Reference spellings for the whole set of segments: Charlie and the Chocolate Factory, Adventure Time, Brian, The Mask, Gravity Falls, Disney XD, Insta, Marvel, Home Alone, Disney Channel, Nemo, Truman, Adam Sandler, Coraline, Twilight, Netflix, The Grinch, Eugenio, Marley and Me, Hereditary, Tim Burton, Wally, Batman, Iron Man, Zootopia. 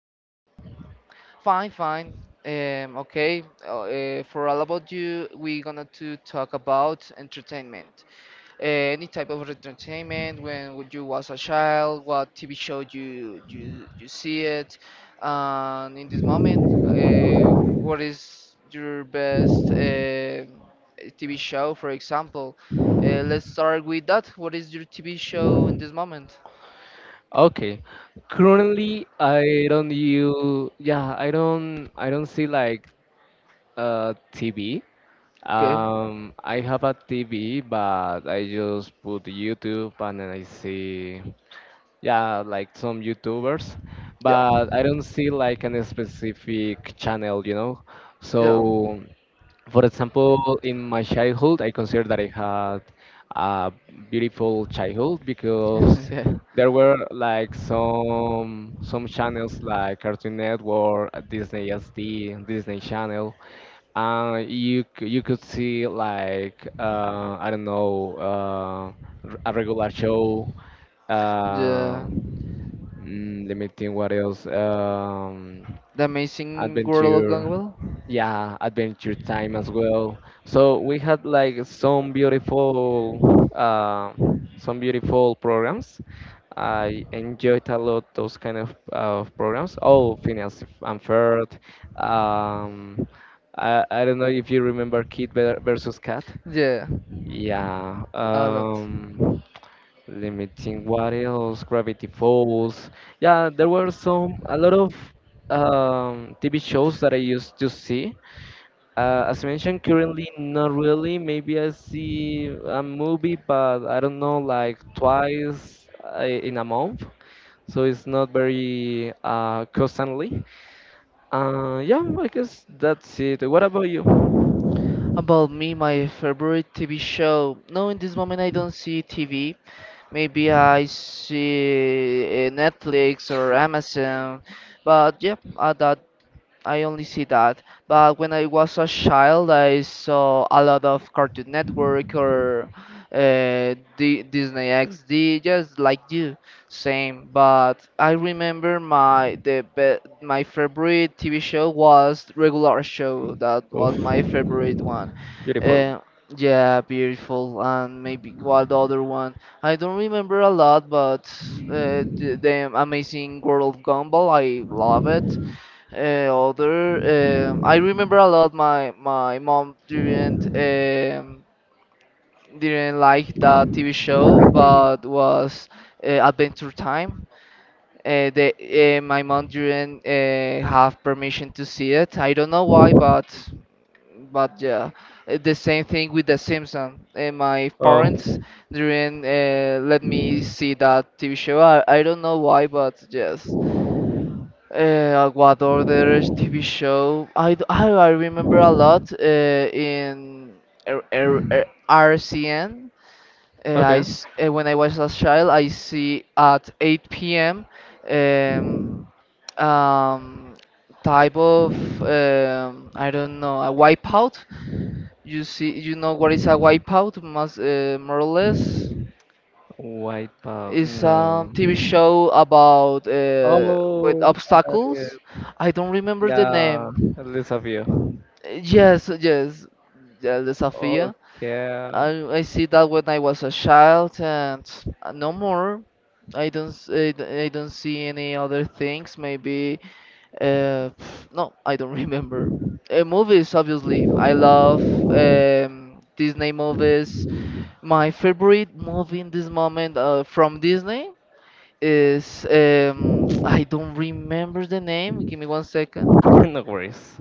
about you? Fine, fine. Okay. For all about you, we're gonna to talk about entertainment. Uh, any type of entertainment when would you was a child? What TV show you see it? And in this moment, what is your best TV show? For example, let's start with that. What is your TV show in this moment? Okay. Currently, I don't use. Yeah, I don't. I don't see like TV. Okay. I have a TV, but I just put YouTube and then I see. Yeah, like some YouTubers, Yeah. but I don't see like any specific channel. Yeah. So, for example, in my childhood, I consider that I had a beautiful childhood because Yeah. there were like some channels like Cartoon Network, Disney SD, Disney Channel. You could see like I don't know a regular show. Yeah. Uh, Let me think what else. The Amazing World of Adventure Gumball. Yeah, adventure time as well. So we had like some beautiful programs. I enjoyed a lot those kind of programs. Oh, Phineas and Ferb. Um, I, I don't know if you remember kid versus cat. Yeah. yeah A lot. um, Limiting what else? Gravity Falls. Yeah, there were some a lot of TV shows that I used to see. As mentioned, currently not really. Maybe I see a movie, but I don't know, like twice in a month. So it's not very constantly. Yeah, I guess that's it. What about you? About me, my favorite TV show. No, in this moment I don't see TV. Maybe I see Netflix or Amazon. But yeah, that I only see that. But when I was a child, I saw a lot of Cartoon Network or D Disney XD, just like you, same. But I remember my the be my favorite TV show was Regular Show. That Oof, was my favorite one. beautiful. Uh, yeah, beautiful, and maybe what other one? I don't remember a lot, but the Amazing World of Gumball, I love it. Other, I remember a lot. My mom didn't like that TV show, but was Adventure Time. They, my mom didn't have permission to see it. I don't know why, but yeah. The same thing with The Simpsons. My parents Oh, didn't let me see that TV show. I don't know why, but yes, what other TV show? I remember a lot in R- R- R- RCN. Okay. When I was a child, I see at 8 p.m. Um, um, Type of, I don't know, a wipeout. You see, you know what is a wipeout, must, more or less. White Power. It's No. a TV show about with Oh, got it. obstacles. I don't remember the Yeah, name. list of you. Yes, yes, yeah, the Safia. I Okay. I see that when I was a child and no more. I don't s- I, d- I don't see any other things. Maybe uh, no, I don't remember. Movies, obviously. I love Disney movies. My favorite movie in this moment from Disney is I don't remember the name. Give me one second. No worries.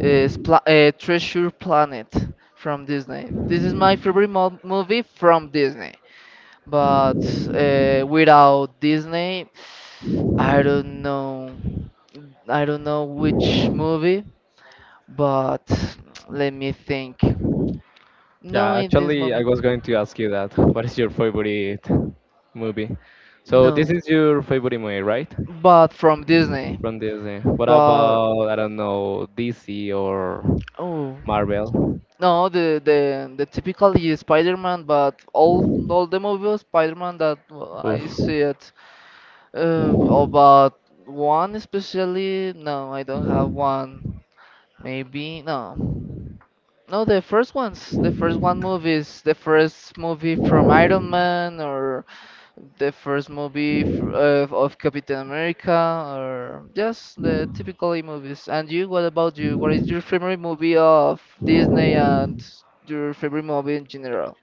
Is pla Treasure Planet from Disney. This is my favorite mo movie from Disney. But without Disney, I don't know. I don't know which movie, but let me think. No, Yeah, in this actually, I moment. was going to ask you that. What is your favorite movie? So this No, is your favorite movie, right? but from Disney. From Disney. What But about, I don't know, DC or oh. Marvel? No, the typically Spider-Man, but all the movie of Spider-Man that I Oof. see it. Oh, one especially, no, I don't have one. Maybe no, no, the first ones, the first one movies, the first movie from Iron Man or the first movie of Captain America, or just the typically movies. And you, what about you? What is your favorite movie of Disney and your favorite movie in general?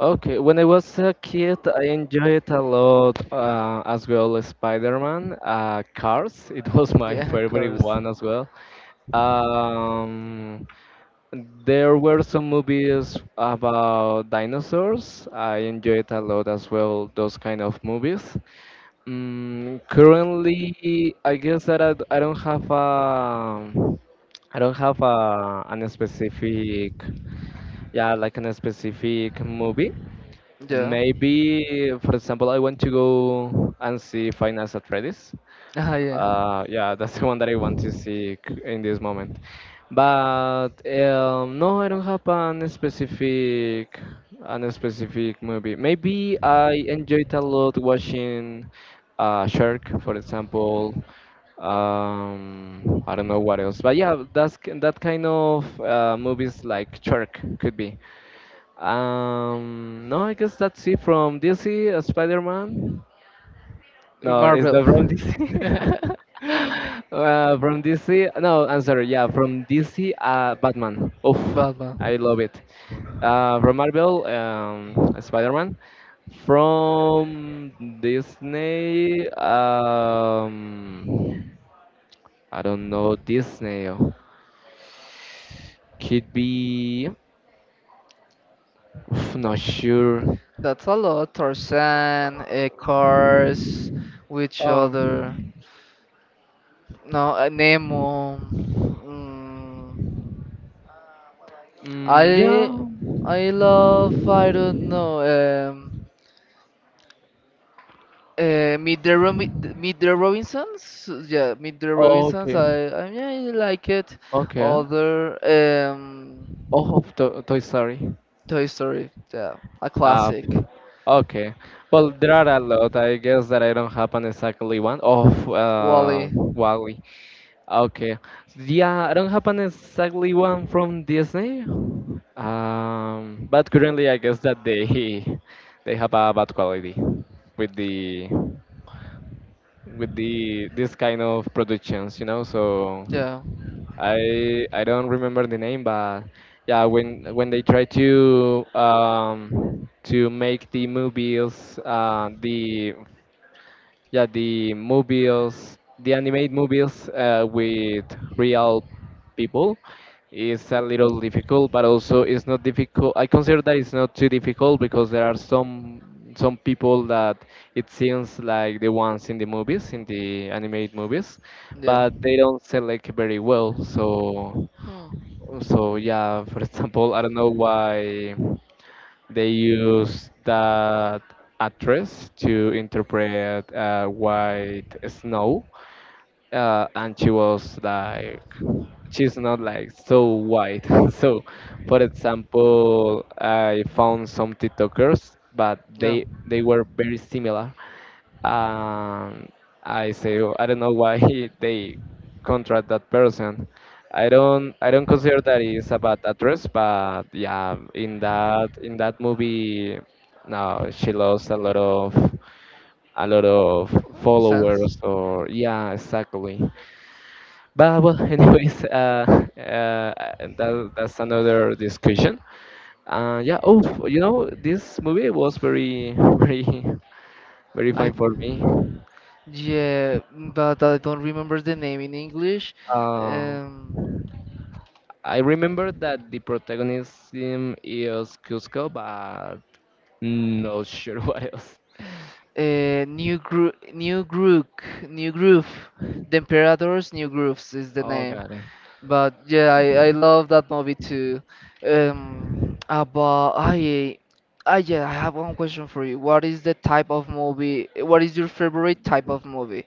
Okay, when I was a kid, I enjoyed a lot as well Spider-Man, Cars. It was my Yeah, of favorite course. one as well. Um, there were some movies about dinosaurs. I enjoyed a lot as well those kind of movies. Mm, currently, I guess that I don't have a I don't have a an specific yeah like an specific movie. Yeah. Maybe, for example, I want to go and see Final Fantasy. Ah, yeah. Yeah, that's the one that I want to see in this moment. But no, I don't have an specific movie. Maybe I enjoyed a lot watching Shark, for example. I don't know what else, but yeah, that kind of movies like Shark could be. No, I guess that's it. From DC, Spider-Man. No, it's Marvel. not from DC. From DC, no, I'm sorry, yeah, from DC, Batman. Oof, Batman. I love it. From Marvel, Spider-Man. From Disney, I don't know, Disney could be, oof, not sure. That's a lot. Tarzan, Cars, which other? Um, No, Nemo. Mm. mm, I yeah, I love. I don't know. um Meet the Robinsons. Yeah, Meet the Robinsons. okay, I mean, I like it. okay. Other. Oh, of to Toy Story. Toy Story. Yeah, a Uh, classic. okay. Well, there are a lot. I guess that I don't have an exactly one. Oh, Wally. Wally. Okay. Yeah, I don't have an exactly one from Disney. But currently, I guess that they they have a bad quality with the with the this kind of productions. So Yeah. I don't remember the name, but yeah, when they try to make the movies the yeah the movies the animated movies with real people is a little difficult, but also it's not difficult. I consider that it's not too difficult because there are some people that it seems like the ones in the movies in the animated movies, Yeah. but they don't select very well. So Hmm. so yeah, for example, I don't know why they use that actress to interpret White Snow, and she was like, she's not like so white. So, for example, I found some TikTokers, but Yeah. they were very similar. um, I say "Oh, I don't know why they contract that person. I don't consider that is a bad actress, but yeah, in that movie, no, she lost a lot of Sense. followers or Okay. yeah, exactly." But well, anyways, uh, that's another discussion. Yeah. Oh, you know, this movie was very very very fine I for me. Yeah, but I don't remember the name in English. Uh, um I remember that the protagonism is Cusco, but not sure what else. New groove, new groove. The Imperators, New Grooves is the Oh, name. got it. But yeah, I love that movie too. About, I yeah, I have one question for you. What is the type of movie? What is your favorite type of movie?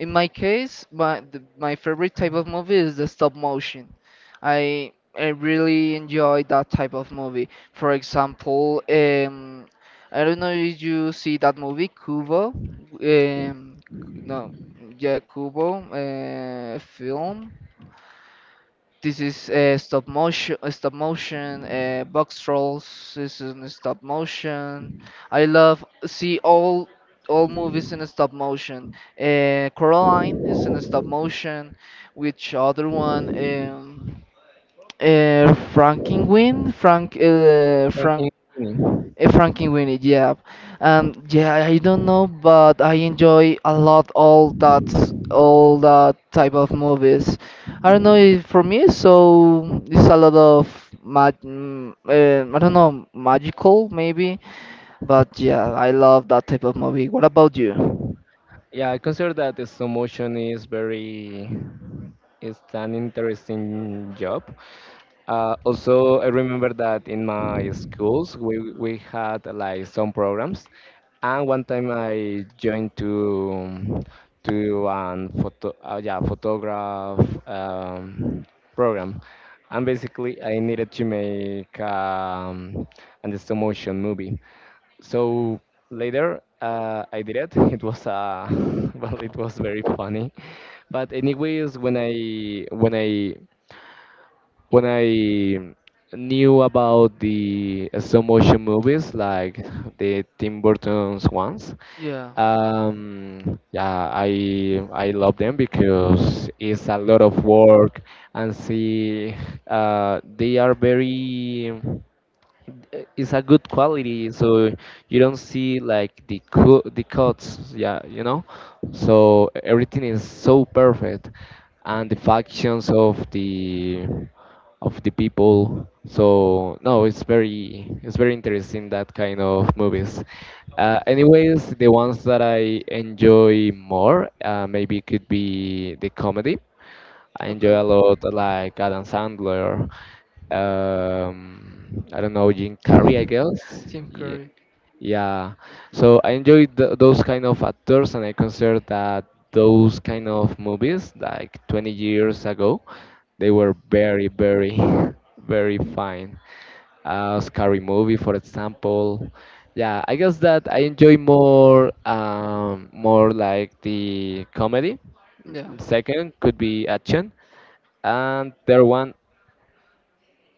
In my case, my favorite type of movie is the stop motion. I I really enjoy that type of movie. For example, I don't know if you see that movie Kubo. Um, no, yeah, Kubo film. This is stop motion, box trolls. This is in stop motion. I love see all movies in stop motion. Coraline is in stop motion. Which other one? Frankenweenie, From Frank. King's Landing. Frankie Winnie, yeah. Yeah, I don't know, but I enjoy a lot all that type of movies. I don't know if for me, so it's a lot of I don't know, magical maybe, but yeah, I love that type of movie. What about you? Yeah, I consider that the slow motion is very It's an interesting job. Also, I remember that in my schools we had like some programs, and one time I joined to an photo yeah, photograph um, program, and basically I needed to make an stop motion movie. So later I did it. It was well, it was very funny. But anyways, when I knew about the stop motion movies like the Tim Burton's ones, Yeah. Yeah, I love them because it's a lot of work and see, they are very it's a good quality, so you don't see like the cuts, yeah, you know. So everything is so perfect, and the factions of the people. So no, it's very interesting that kind of movies. Anyways, the ones that I enjoy more maybe could be the comedy. I Okay. enjoy a lot like Adam Sandler. I don't know Jim Carrey, I guess. Jim Yeah. Curry. Yeah, so I enjoy th those kind of actors, and I consider that those kind of movies, like 20 years ago, they were very, very, very fine. Scary Movie, for example. Yeah, I guess that I enjoy more, more like the comedy. Yeah. Second could be action, and third one,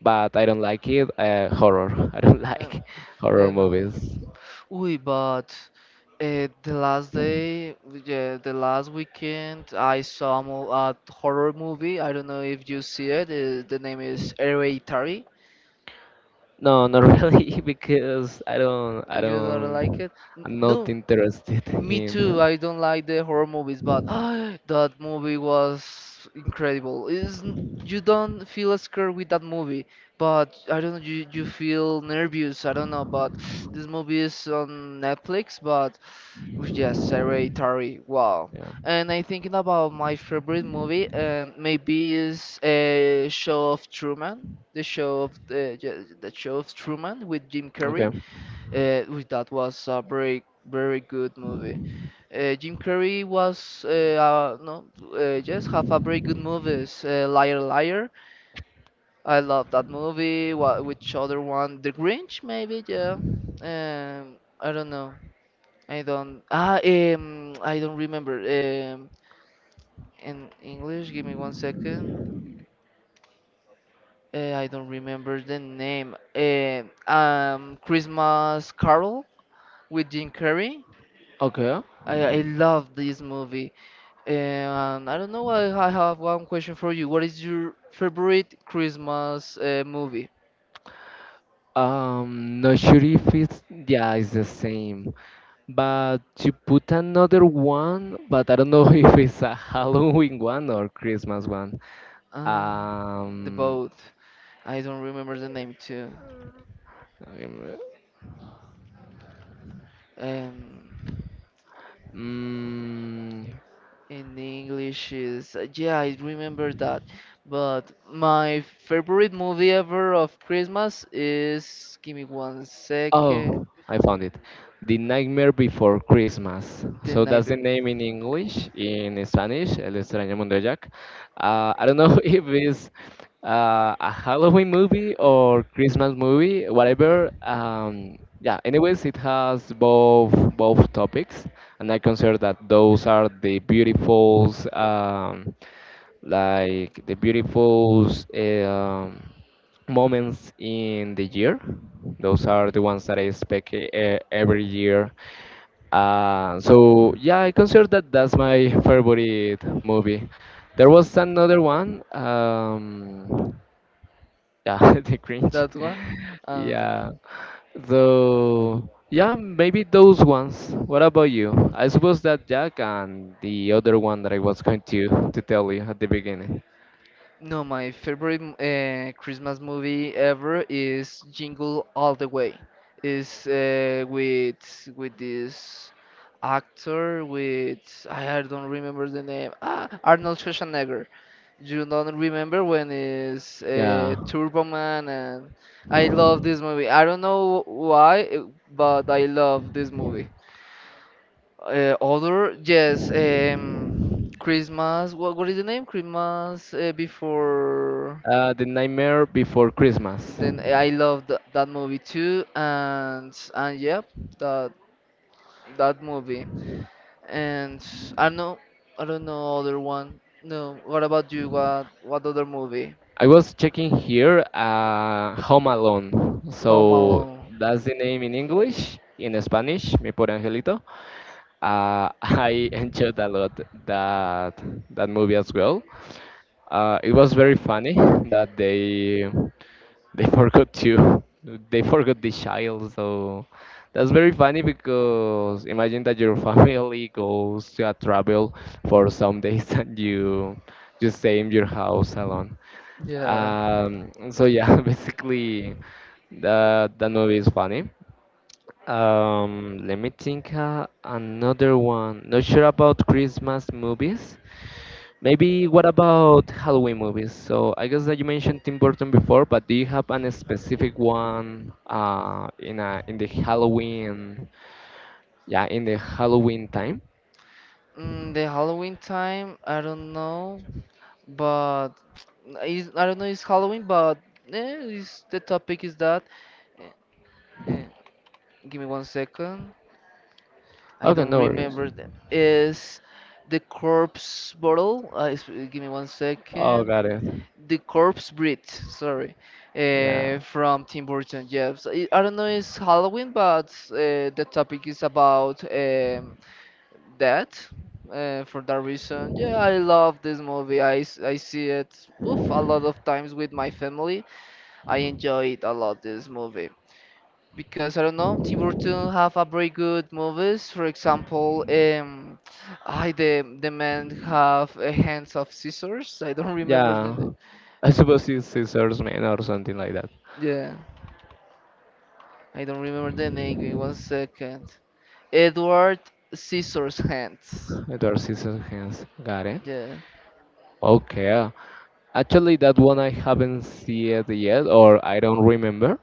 but I don't like it, horror. I don't like horror Yeah, no. movies. Uy, but the last day, yeah, the last weekend, I saw a horror movie. I don't know if you see it. The name is Hereditary. No, not really, because I You don't like don't, it? I'm not No. interested Me too. in. I don't like the horror movies, but that movie was incredible. Is You don't feel scared with that movie, but I don't know. You feel nervous. I don't know. But this movie is on Netflix. But yes, Hereditary. Wow. Yeah. And I'm thinking about my favorite movie, and maybe is a show of Truman. The show of Truman with Jim Carrey. Okay. Uh, that was a very very good movie. Jim Carrey was no, yes, have a very good movies. Liar Liar, I love that movie. What Which other one? The Grinch maybe, yeah. I don't know. I don't remember in English. Give me one second. I don't remember the name. Christmas Carol with Jim Carrey. Okay. I love this movie. And I don't know, I have one question for you. What is your favorite Christmas movie? Not sure if it's yeah, it's the same. But you put another one, but I don't know if it's a Halloween one or Christmas one. Um, the Um, boat. I don't remember the name too. um, Um, mm, in English is yeah, I remember that. But my favorite movie ever of Christmas is give me one second, Oh, I found it. The Nightmare Before Christmas. The So that's the Neighbor. name in English. In Spanish, El Extraño Mundo de Jack. I don't know if it's a Halloween movie or Christmas movie, Hmm. whatever. Yeah. Anyways, it has both both topics, and I consider that those are the beautifuls, like the beautifuls. Um, moments in the year. Those are the ones that I expect every year. So yeah, I consider that that's my favorite movie. There was another one. Yeah, the cringe. That one? Okay. Yeah. So yeah, maybe those ones. What about you? I suppose that Jack and the other one that I was going to tell you at the beginning. No, my favorite Christmas movie ever is Jingle All the Way. Is with this actor with I don't remember the name. Arnold Schwarzenegger. You don't remember when is Yeah. Turbo Man. And I love this movie. I don't know why, but I love this movie. Other, yes, Christmas. What is the name? Christmas before. The Nightmare Before Christmas. Then I loved th that movie too, and yep, that that movie. And I know I don't know other one. No, what about you? What other movie? I was checking here, Home Alone. Home So Alone. that's the name in English. In Spanish, Mi Pobre Angelito. I enjoyed a lot that that movie as well. It was very funny that they forgot to they forgot the child. So that's very funny because imagine that your family goes to a travel for some days and you stay in your house alone. Yeah. So yeah, basically, that that movie is funny. Let me think another one. Not sure about Christmas movies. Maybe what about Halloween movies? So I guess that you mentioned Tim Burton before, but do you have an specific one in the Halloween? Yeah, in the Halloween time. The Halloween time, I don't know, but is I don't know, it's Halloween, but it's, the topic is that. Eh, eh, Give me one second. I Okay, don't no worries. remember them. Is the corpse bottle? Give me one Oh, second. got it. The Corpse Bride, sorry, Yeah, from Tim Burton. Yes, I don't know. It's Halloween, but the topic is about death. For that reason, yeah, I love this movie. I see it oof, a lot of times with my family. I enjoy it a lot. This movie because I don't know. Tim Burton have a very good movies. For example, I the man have a hands of scissors. I don't remember the yeah. name. I suppose it's Scissors Man or something like that. Yeah. I don't remember the name. Give me One second. Edward Scissors Hands. Dark Season hands. Got it. Yeah. Okay. Actually, that one I haven't seen it yet, or I don't remember.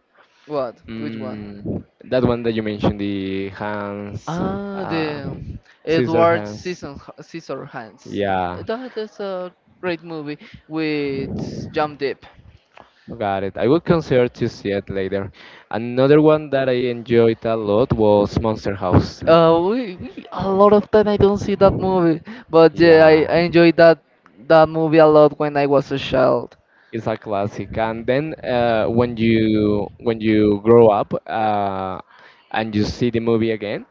What? Which one? Mm, that one that you mentioned, the hands, uh, The scissor Edward hands. Scissorhands. Yeah, That is a great movie with Jump Deep. got it. I will consider to see it later. Another one that I enjoyed a lot was Monster House. We A lot of time I don't see that movie, but yeah, I, Yeah, I enjoyed that movie a lot when I was a child. it's a classic. And then when you grow up and you see the movie again,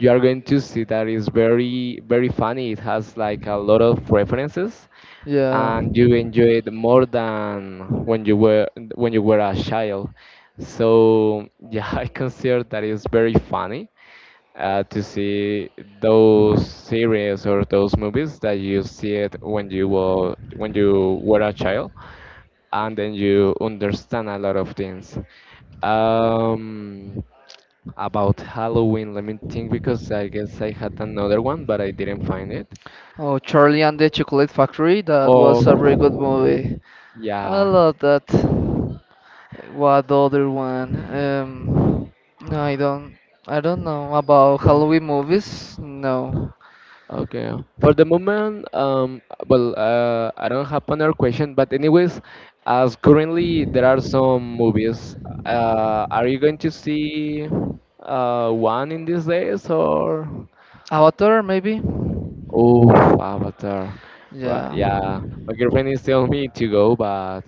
you are going to see that it's very very funny. It has like a lot of references, Yeah. and you enjoy it more than when you were a child. So yeah, I consider that it's very funny to see those series or those movies that you see it when you were a child and then you understand a lot of things. Um, about Halloween, let me think, because I guess I had another one, but I didn't find it. Oh, Charlie and the Chocolate Factory. That was a very good Oh, movie. I yeah. love that. What the other one? No, I don't. I don't know about No. Halloween movies. No. Okay. For the moment, well, I don't have another question, but anyways, as currently there are some movies, are you going to see one in these days or? Avatar, maybe. Oh, Avatar. Right, Yeah. yeah. My girlfriend is telling me to go, but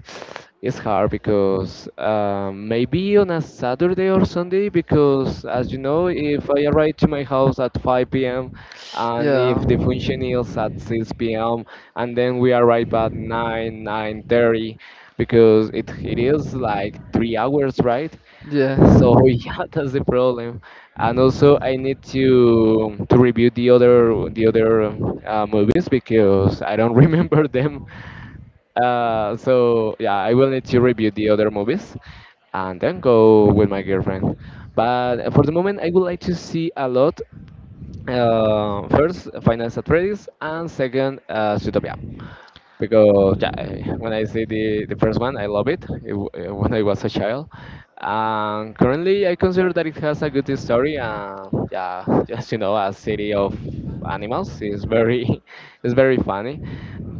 it's hard because maybe on a Saturday or Sunday, because as you know, if I arrive to my house at 5 p.m. and Yeah. if the function is at 6 p.m. and then we arrive at 9, 9:30, because it is like 3 hours, right? Yeah. So yeah, that's the problem. And also, I need to review the other movies because I don't remember them. So yeah, I will need to review the other movies and then go with my girlfriend. But for the moment, I would like to see a lot. First, Finance Atreides, and second, Zootopia because yeah, when I see the first one, I love it, when I was a child. And currently, I consider that it has a good story. Yeah, just a city of animals is very, is very funny.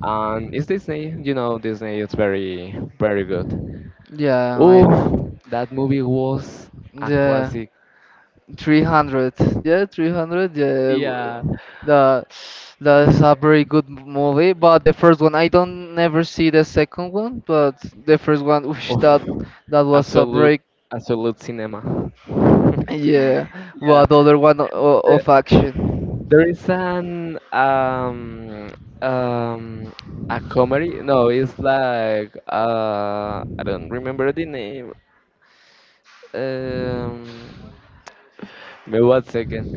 And it's Disney, Disney is very, very good. Yeah. I. Oh, that movie was a Yeah. classic. 300. Yeah, 300. Yeah. Yeah, w- The That's a very good movie, but the first one I don't never see the second one, but the first one, whoosh, of that was a absolute, very. absolute cinema. Yeah, Yeah, what other one the, of action? there is an um a comedy. No, it's like I don't remember the name. Um, Maybe one second.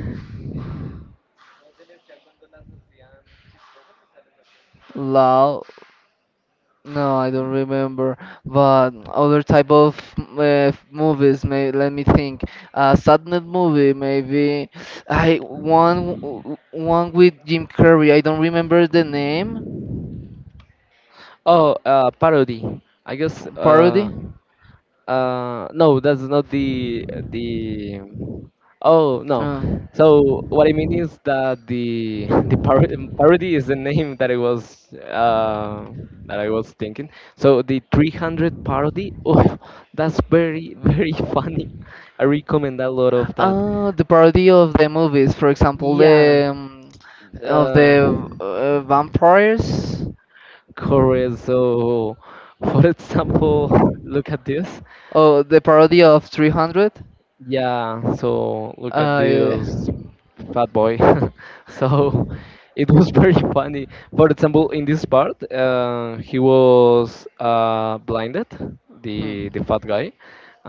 Loud? No, I don't remember. But other type of movies, may let me think. Sadness movie, maybe. I One with Jim Carrey. I don't remember the name. Oh, parody. I guess Parody. uh no, that's not the. Oh no. Uh, So what I mean is that the the par parody is the name that I was thinking. So the 300 parody. Oh, that's very very funny. I recommend a lot of that. The parody of the movies. For example, Yeah. the of Uh, the vampires. Correct. So, for example, look at this. Oh, the parody of 300. Yeah, so look at I this fat boy. So it was very funny. For example, in this part, he was blinded, Hmm. the fat guy.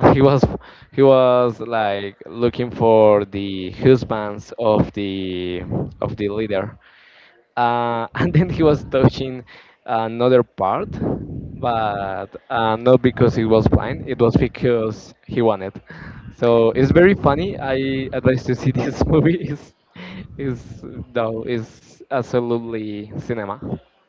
He was he was like looking for the husbands of the leader and then he was touching another part, but not because he was blind. It was because he wanted. So it's very funny. I advise to see this movie. Is though is absolutely cinema.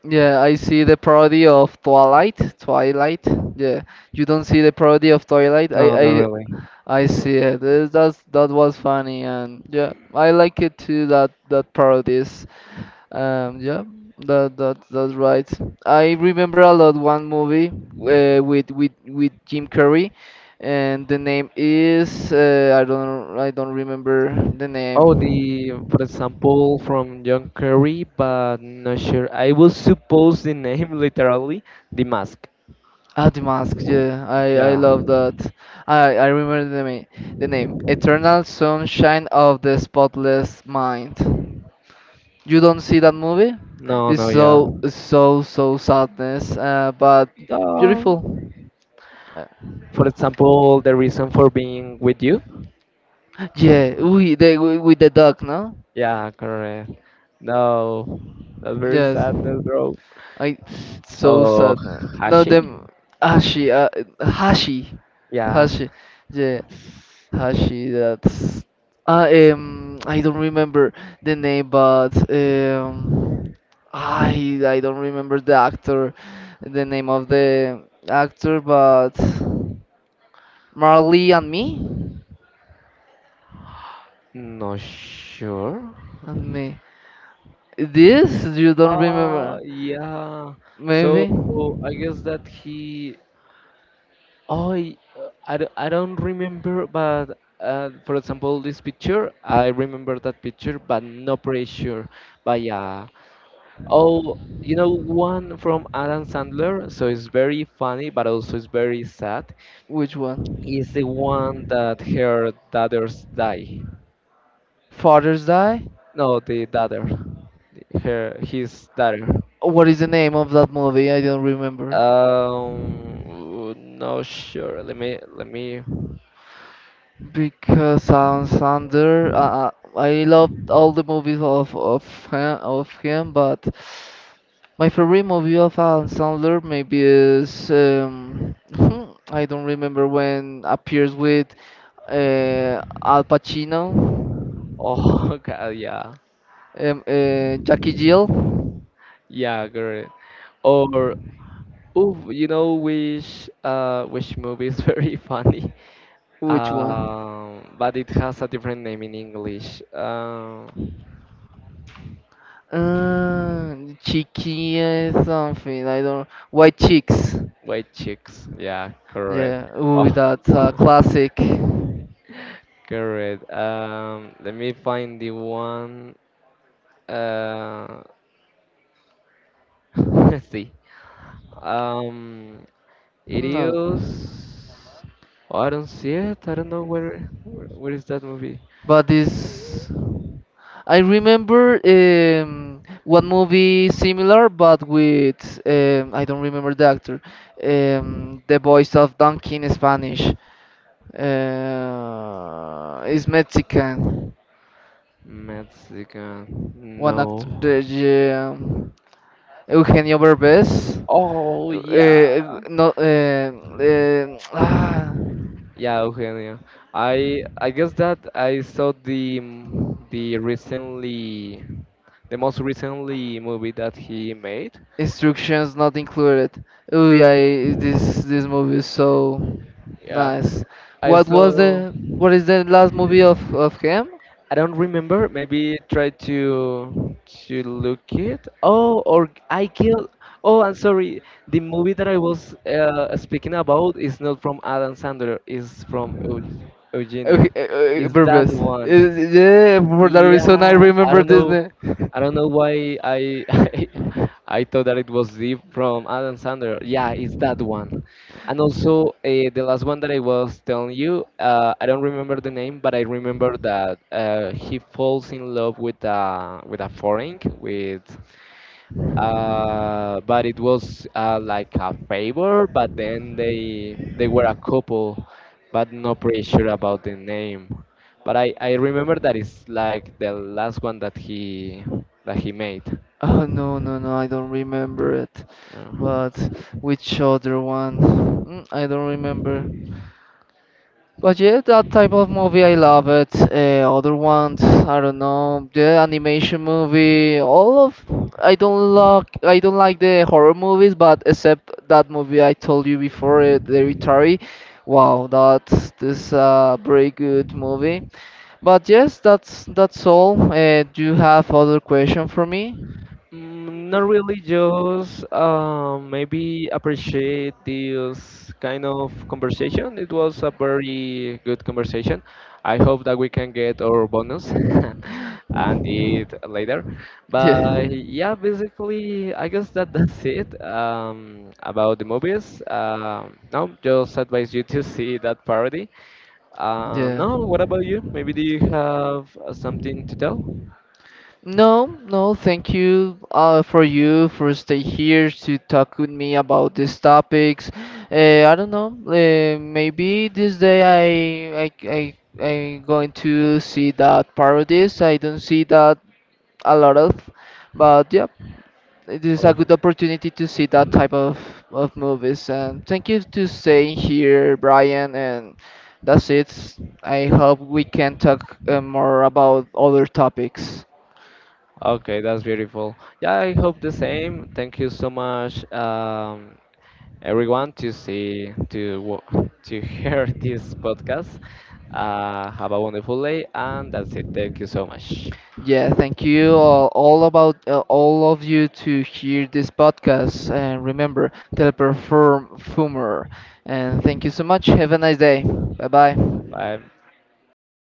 Yeah, I see the parody of Twilight. Yeah, you don't see the parody of Twilight. I No, not I really. I see it. That's that was funny, and yeah, I like it too. That parodies. Yeah, that's right. I remember a lot one movie with with Jim Carrey, and the name is I don't remember the Oh, name. the for example from John Kerry, but not sure. I will suppose the name literally the mask. The mask. Yeah, I Yeah. love that. I remember the name. The name Eternal Sunshine of the Spotless Mind. You don't see that movie? No, It's no, yeah. so sadness, but Uh, beautiful. Uh, For example, the reason for being with you. Yeah, we the with the dog, no? Yeah, correct. No, that's very Yes. sadness, bro. I so Oh, sad, man. No, Hashi? them Hashi, Hashi, Yeah, Hashi, yeah, Hashi. That's I don't remember the name, but I don't remember the actor, the name of the actor, but Marley and me, not sure. and me. This you don't remember? Yeah. So Maybe I guess that he. Oh, I, I, don't remember, but for example, this picture, I remember that picture, but not pretty sure. But yeah, Oh, one from Adam Sandler, so it's very funny, but also it's very sad. which Is one? the one that her daughters die. Father's Day? No, the daughter, her his daughter. What is the name of that movie? I don't remember. No, sure. Let me. Because Adam Sandler, I love all the movies of him, but my favorite movie of Adam Sandler maybe is I don't remember when appears with Al Pacino, Oh God, yeah, Jackie Jill. yeah, girl. Or ooh, you know which movie is very funny. Which one? But it has a different name in English. Uh, Cheeky something. I don't. White chicks. White chicks. Yeah, correct. Yeah, ooh, Oh, that's a classic. correct. Let me find the one. Uh, let's see. Um, it No, is. Oh, I don't see it. I don't know where. Where is that movie? but this. I remember one movie similar, but with I don't remember the actor, the voice of Donkey in Spanish. Is Mexican. Mexican. One actor, No. Eugenio Derbez. Oh yeah. No, Yeah, Eugenio. I guess that I saw the recently the most recently movie that he made. Instructions not included. Oh yeah, this movie is so Yeah, nice. I saw. What is the last movie of him? I don't remember. Maybe try to look it. Oh, or I killed. Oh, I'm sorry. The movie that I was speaking about is not from Adam Sandler. It's from Eugenio. Okay, Is that Burbs. one? Yeah, for that reason I Yeah, I remember don't know. Disney. I don't know why I I thought that it was Deep from Adam Sandler. Yeah, it's that one. And also the last one that I was telling you, I don't remember the name, but I remember that he falls in love with a foreign with but it was like a favor. But then they were a couple, but not pretty sure about the name. But I remember that it's like the last one that he made. Oh, no, no, no, I don't remember it. Yeah. But which other one? Mm, I don't remember. But yeah, that type of movie, I love it. Other ones, I don't know, the animation movie, all of. I don't like, the horror movies, but except that movie I told you before, The Retary. Wow, that's this very good movie. But yes, that's all. Do you have other question for me? Mm, not really, just maybe appreciate this kind of conversation. It was a very good conversation. I hope that we can get our bonus and eat later. Yeah, But yeah, basically, I guess that that's it about the movies. No, just advise you to see that parody. Yeah. No, what about you? Maybe do you have something to tell? No, no, thank you for you, for stay here to talk with me about these topics. I don't know. Maybe this day I'm going to see that parodies. I don't see that a lot of, but yeah, it is a good opportunity to see that type of movies. And thank you to staying here, Brian. And that's it. I hope we can talk more about other topics. Okay, that's beautiful. Yeah, I hope the same. Thank you so much, everyone, to see to hear this podcast. Have a wonderful day, and that's it. Thank you so much. Yeah, thank you all about all of you to hear this podcast and remember teleperformer, and thank you so much. Have a nice day. Bye bye. Bye.